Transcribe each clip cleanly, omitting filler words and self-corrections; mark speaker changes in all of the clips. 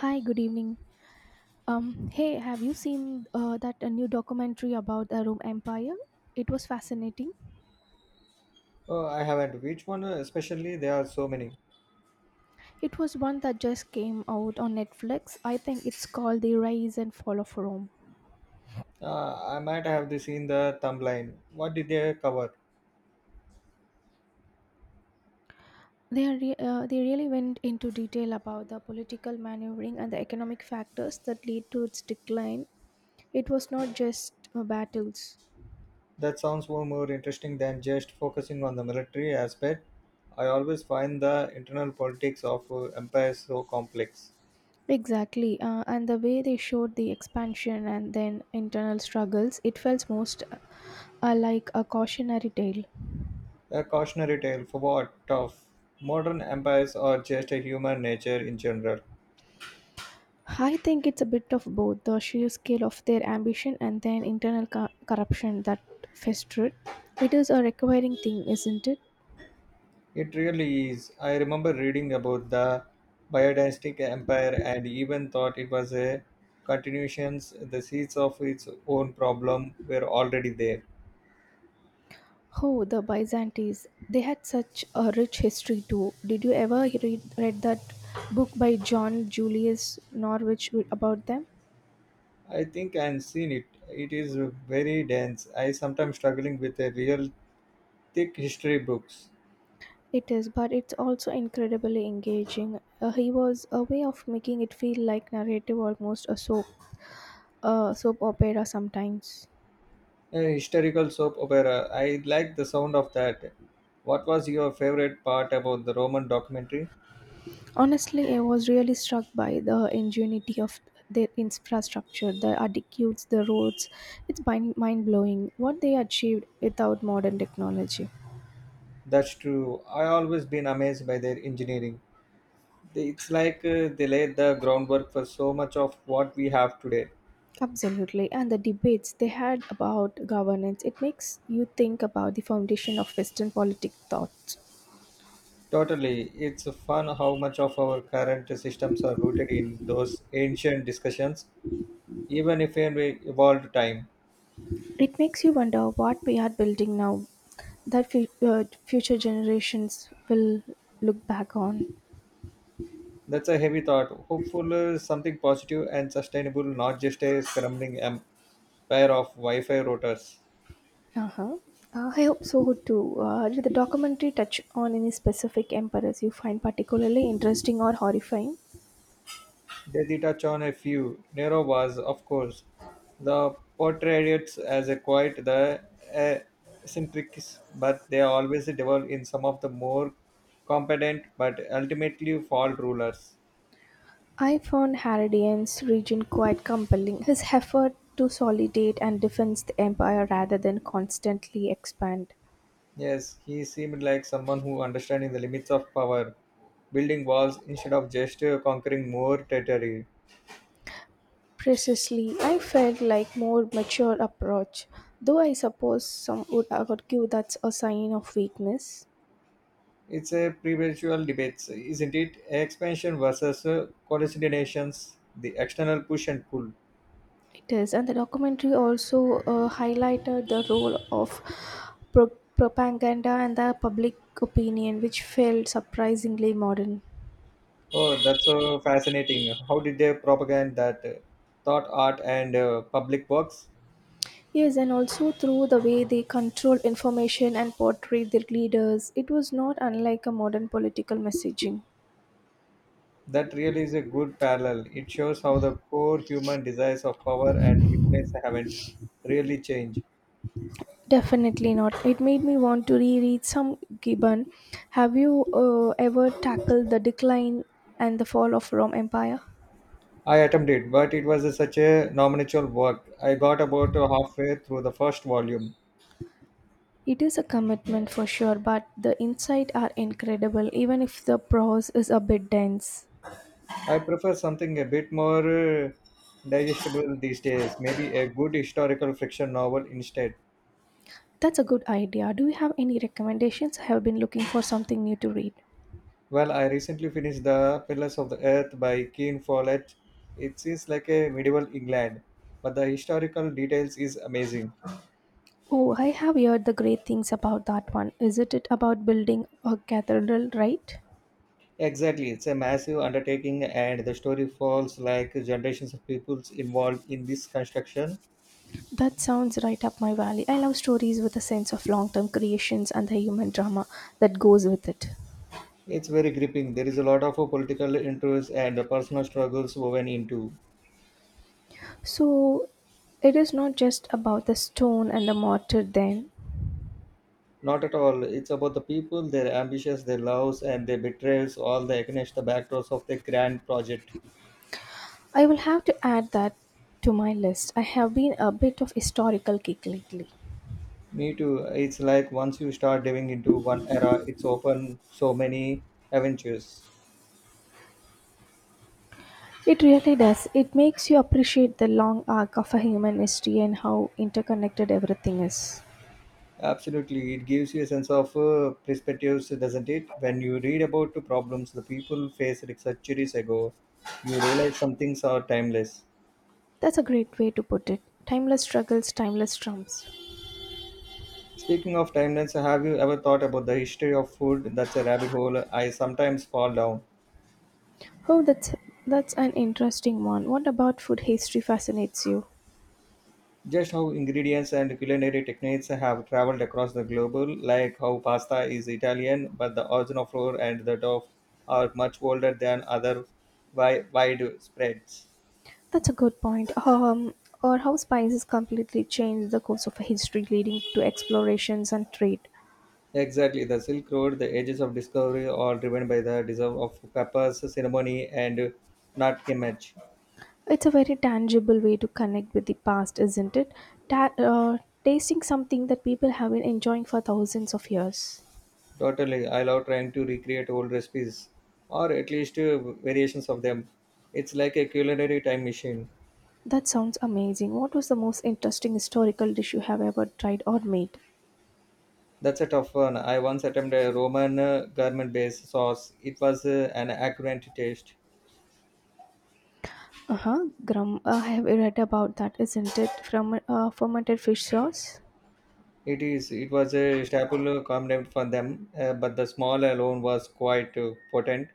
Speaker 1: Hi, good evening. Hey, have you seen that a new documentary about the Rome Empire? It was fascinating.
Speaker 2: Oh, I haven't. Which one especially? There are so many.
Speaker 1: It was one that just came out on Netflix. I think it's called The Rise and Fall of Rome.
Speaker 2: I might have the seen the thumbline. What did they cover?
Speaker 1: They really went into detail about the political maneuvering and the economic factors that lead to its decline. It was not just battles.
Speaker 2: That sounds more interesting than just focusing on the military aspect. I always find the internal politics of empires so complex.
Speaker 1: Exactly, and the way they showed the expansion and then internal struggles, it felt most like a cautionary tale.
Speaker 2: A cautionary tale for what of modern empires or just a human nature in general.
Speaker 1: I think it's a bit of both the sheer scale of their ambition and then internal corruption that festered. It is a recurring thing, isn't it?
Speaker 2: It really is. I remember reading about the biodynastic empire and even thought it was a continuation. The seeds of its own problem were already there.
Speaker 1: Oh, the Byzantines, they had such a rich history too. Did you ever read that book by John Julius Norwich about them?
Speaker 2: I think I've seen it. It is very dense. I sometimes struggling with a real thick history books.
Speaker 1: It is, but it's also incredibly engaging. He was a way of making it feel like narrative, almost a soap opera sometimes.
Speaker 2: A historical soap opera. I like the sound of that. What was your favorite part about the Roman documentary?
Speaker 1: Honestly, I was really struck by the ingenuity of their infrastructure, the aqueducts, the roads. It's mind blowing what they achieved without modern technology.
Speaker 2: That's true. I always been amazed by their engineering. It's like they laid the groundwork for so much of what we have today.
Speaker 1: Absolutely, and the debates they had about governance. It makes you think about the foundation of Western politic thought.
Speaker 2: Totally. It's fun how much of our current systems are rooted in those ancient discussions, even if in we evolved time.
Speaker 1: It makes you wonder what we are building now that future generations will look back on.
Speaker 2: That's a heavy thought. Hopeful something positive and sustainable, not just a scrambling empire of Wi Fi routers.
Speaker 1: Uh-huh. I hope so too. Did the documentary touch on any specific emperors you find particularly interesting or horrifying?
Speaker 2: They did touch on a few. Nero was, of course, the portrayed as a quite the uh, eccentric, but they always develop in some of the more competent but ultimately flawed rulers.
Speaker 1: I found Haradian's region quite compelling. His effort to solidate and defend the empire rather than constantly expand.
Speaker 2: Yes, he seemed like someone who understanding the limits of power, building walls instead of just conquering more territory.
Speaker 1: Precisely, I felt like more mature approach, though I suppose some would argue that's a sign of weakness.
Speaker 2: It's a perpetual debate, isn't it? Expansion versus coordinations, the external push and pull.
Speaker 1: It is, and the documentary also highlighted the role of propaganda and the public opinion, which felt surprisingly modern.
Speaker 2: Oh, that's so fascinating. How did they propagate that thought, art, and public works?
Speaker 1: Yes, and also through the way they control information and portray their leaders, it was not unlike a modern political messaging.
Speaker 2: That really is a good parallel. It shows how the core human desires of power and influence haven't really changed.
Speaker 1: Definitely not. It made me want to reread some Gibbon. Have you ever tackled the decline and the fall of Rome Empire?
Speaker 2: I attempted, but it was such a nominal work. I got about halfway through the first volume.
Speaker 1: It is a commitment for sure, but the insights are incredible even if the prose is a bit dense.
Speaker 2: I prefer something a bit more digestible these days, maybe a good historical fiction novel instead.
Speaker 1: That's a good idea. Do you have any recommendations? I have been looking for something new to read.
Speaker 2: Well, I recently finished The Pillars of the Earth by Keen Follett. It is like a medieval England, but the historical details is amazing.
Speaker 1: Oh, I have heard the great things about that one. Isn't it about building a cathedral, right?
Speaker 2: Exactly, it's a massive undertaking and the story falls like generations of peoples involved in this construction.
Speaker 1: That sounds right up my valley. I love stories with a sense of long term creations and the human drama that goes with it.
Speaker 2: It's very gripping. There is a lot of political interests and the personal struggles woven into.
Speaker 1: So, it is not just about the stone and the mortar, then.
Speaker 2: Not at all. It's about the people, their ambitions, their loves, and their betrayals, all the against the backdrops of the grand project.
Speaker 1: I will have to add that to my list. I have been a bit of historical kick lately.
Speaker 2: Me too. It's like once you start diving into one era, it's open so many adventures.
Speaker 1: It really does. It makes you appreciate the long arc of a human history and how interconnected everything is.
Speaker 2: Absolutely, it gives you a sense of perspectives, doesn't it? When you read about the problems the people faced like centuries ago, you realize some things are timeless.
Speaker 1: That's a great way to put it. Timeless struggles, timeless trumps.
Speaker 2: Speaking of timeless, have you ever thought about the history of food? That's a rabbit hole I sometimes fall down.
Speaker 1: Oh, that's an interesting one. What about food history fascinates you?
Speaker 2: Just how ingredients and culinary techniques have traveled across the globe, like how pasta is Italian, but the original flour and the dough are much older than other wide spreads.
Speaker 1: That's a good point. Or how spices completely changed the course of history, leading to explorations and trade.
Speaker 2: Exactly, the Silk Road, the ages of discovery, all driven by the deserve of peppers, ceremony, and not image.
Speaker 1: It's a very tangible way to connect with the past, isn't it? Ta- uh, Tasting something that people have been enjoying for thousands of years.
Speaker 2: Totally, I love trying to recreate old recipes, or at least variations of them. It's like a culinary time machine.
Speaker 1: That sounds amazing. What was the most interesting historical dish you have ever tried or made?
Speaker 2: That's a tough one. I once attempted a Roman garment-based sauce. It was an accurate taste.
Speaker 1: Uh huh. Grum. I have read about that, isn't it? From fermented fish sauce.
Speaker 2: It is. It was a staple condiment for them, but the small alone was quite potent.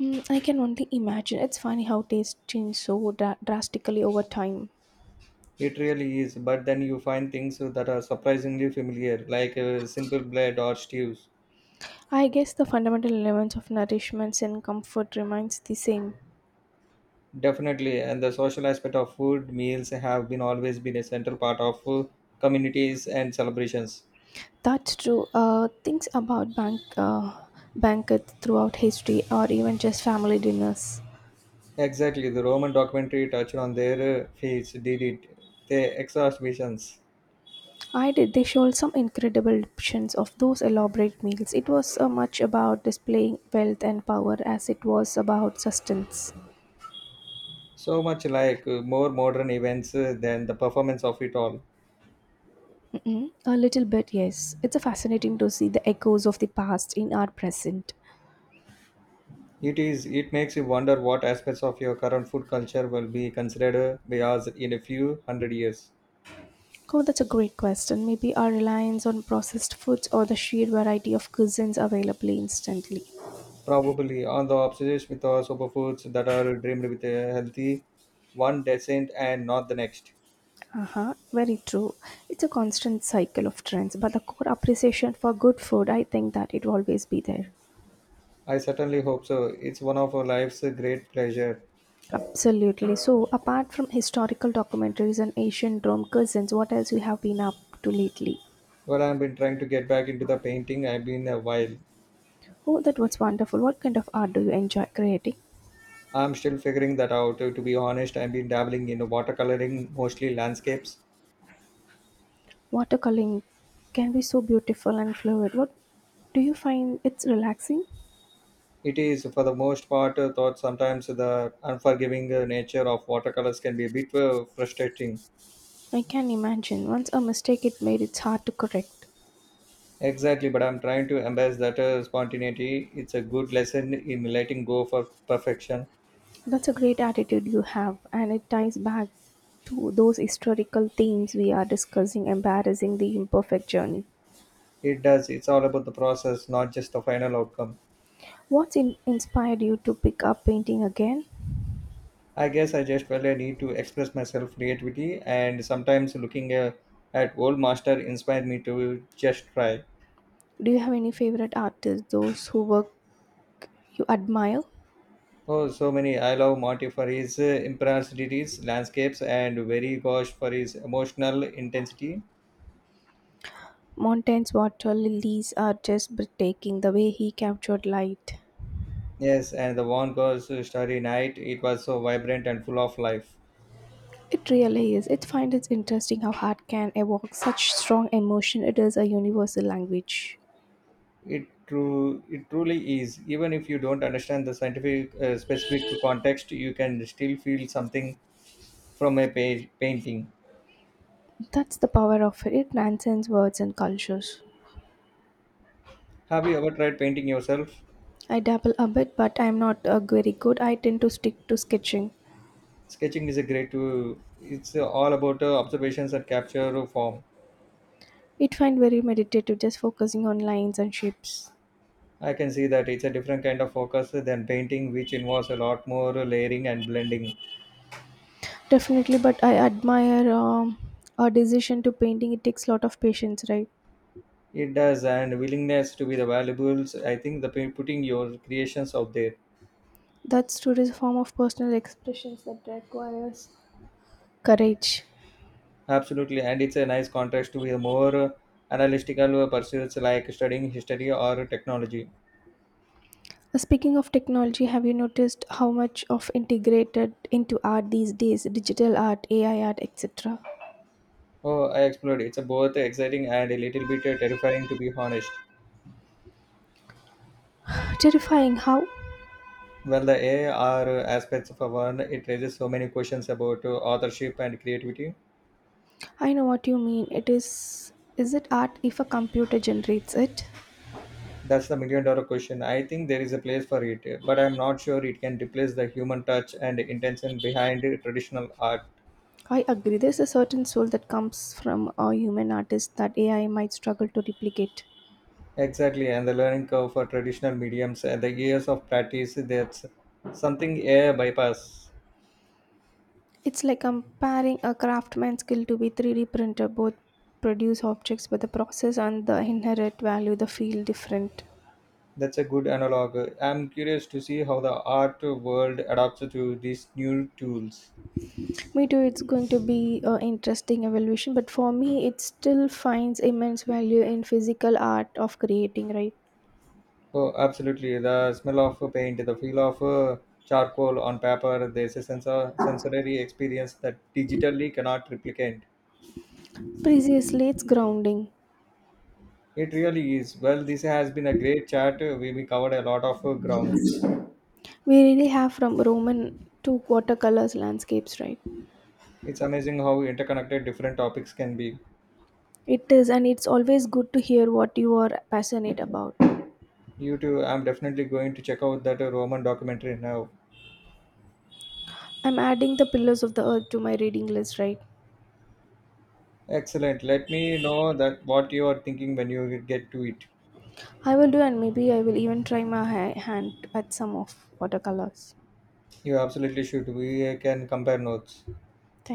Speaker 1: Mm, I can only imagine. It's funny how tastes change so drastically over time.
Speaker 2: It really is. But then you find things that are surprisingly familiar, like simple bread or stews.
Speaker 1: I guess the fundamental elements of nourishments and comfort remains the same.
Speaker 2: Definitely, and the social aspect of food meals have been always been a central part of communities and celebrations.
Speaker 1: That's true. Things about bank banquets throughout history, or even just family dinners.
Speaker 2: Exactly, the Roman documentary touched on their feats, did it, their exhaust visions.
Speaker 1: I did. They showed some incredible options of those elaborate meals. It was much about displaying wealth and power as it was about sustenance.
Speaker 2: So much like more modern events than the performance of it all.
Speaker 1: A little bit, yes. It's a fascinating to see the echoes of the past in our present.
Speaker 2: It is. It makes you wonder what aspects of your current food culture will be considered biased in a few hundred years.
Speaker 1: Oh, that's a great question. Maybe our reliance on processed foods or the sheer variety of cuisines available instantly.
Speaker 2: Probably, on the obsessed with our superfoods that are dreamed with a healthy one decent and not the next.
Speaker 1: Uh-huh, very true. It's a constant cycle of trends, but the core appreciation for good food, I think that it will always be there.
Speaker 2: I certainly hope so. It's one of our life's great pleasure.
Speaker 1: Absolutely. So, apart from historical documentaries and ancient Rome cuisines, what else you have been up to lately?
Speaker 2: Well, I've been trying to get back into the painting. I've been a while.
Speaker 1: Oh, that was wonderful. What kind of art do you enjoy creating?
Speaker 2: I'm still figuring that out. To be honest, I've been dabbling in watercoloring, mostly landscapes.
Speaker 1: Watercoloring can be so beautiful and fluid. What do you find it's relaxing?
Speaker 2: It is, for the most part, thought sometimes the unforgiving nature of watercolors can be a bit frustrating.
Speaker 1: I can imagine. Once a mistake it made, it's hard to correct.
Speaker 2: Exactly, but I'm trying to embrace that spontaneity. It's a good lesson in letting go for perfection.
Speaker 1: That's a great attitude you have, and it ties back to those historical themes we are discussing, embarrassing the imperfect journey.
Speaker 2: It does, it's all about the process, not just the final outcome.
Speaker 1: What's inspired you to pick up painting again?
Speaker 2: I guess I just felt I need to express myself creativity, and sometimes looking at old master inspired me to just try.
Speaker 1: Do you have any favorite artists, those who work you admire?
Speaker 2: Oh, so many. I love Monty for his impressibilities, landscapes, and very gosh for his emotional intensity.
Speaker 1: Montaigne's water lilies are just breathtaking, the way he captured light.
Speaker 2: Yes, and the one Ghosh Starry Night, it was so vibrant and full of life.
Speaker 1: It really is. It finds it interesting how art can evoke such strong emotion. It is a universal language.
Speaker 2: It truly is. Even if you don't understand the scientific specific context, you can still feel something from a painting.
Speaker 1: That's the power of it. It transcends words and cultures.
Speaker 2: Have you ever tried painting yourself?
Speaker 1: I dabble a bit, but I'm not very good. I tend to stick to sketching.
Speaker 2: Sketching is a great. It's all about observations and capture of form.
Speaker 1: It find very meditative, just focusing on lines and shapes.
Speaker 2: I can see that it's a different kind of focus than painting, which involves a lot more layering and blending.
Speaker 1: Definitely, but I admire a decision to painting. It takes a lot of patience, right?
Speaker 2: It does, and willingness to be the valuables. I think the putting your creations out there.
Speaker 1: That's true. It's a form of personal expressions that requires courage.
Speaker 2: Absolutely, and it's a nice contrast to a more analytical pursuits like studying history or technology.
Speaker 1: Speaking of technology, have you noticed how much of integrated into art these days? Digital art, AI art, etc.
Speaker 2: Oh, I explored. It's a both exciting and a little bit terrifying, to be honest.
Speaker 1: Terrifying how?
Speaker 2: Well, the AR aspects of a one, it raises so many questions about authorship and creativity.
Speaker 1: I know what you mean. It is it art if a computer generates it?
Speaker 2: That's the $1 million question. I think there is a place for it, but I'm not sure it can replace the human touch and intention behind traditional art.
Speaker 1: I agree. There's a certain soul that comes from a human artist that AI might struggle to replicate.
Speaker 2: Exactly, and the learning curve for traditional mediums and the years of practice that's something AI bypass.
Speaker 1: It's like comparing a craftsman's skill to be 3D printer. Both produce objects, but the process and the inherent value the feel different.
Speaker 2: That's a good analog. I'm curious to see how the art world adapts to these new tools.
Speaker 1: Me too. It's going to be an interesting evolution, but for me, it still finds immense value in physical art of creating. Right?
Speaker 2: Oh, absolutely. The smell of paint, the feel of charcoal on paper, there's a sensor, sensory experience that digitally cannot replicate.
Speaker 1: Precisely, it's grounding.
Speaker 2: It really is. Well, this has been a great chat. We covered a lot of ground.
Speaker 1: We really have, from Roman to watercolors landscapes, right?
Speaker 2: It's amazing how interconnected different topics can be.
Speaker 1: It is, and it's always good to hear what you are passionate about.
Speaker 2: You too, I'm definitely going to check out that Roman documentary now.
Speaker 1: I'm adding the pillars of the earth to my reading list, right?
Speaker 2: Excellent. Let me know that what you are thinking when you get to it.
Speaker 1: I will do, and maybe I will even try my hand at some of watercolors.
Speaker 2: You absolutely should. We can compare notes.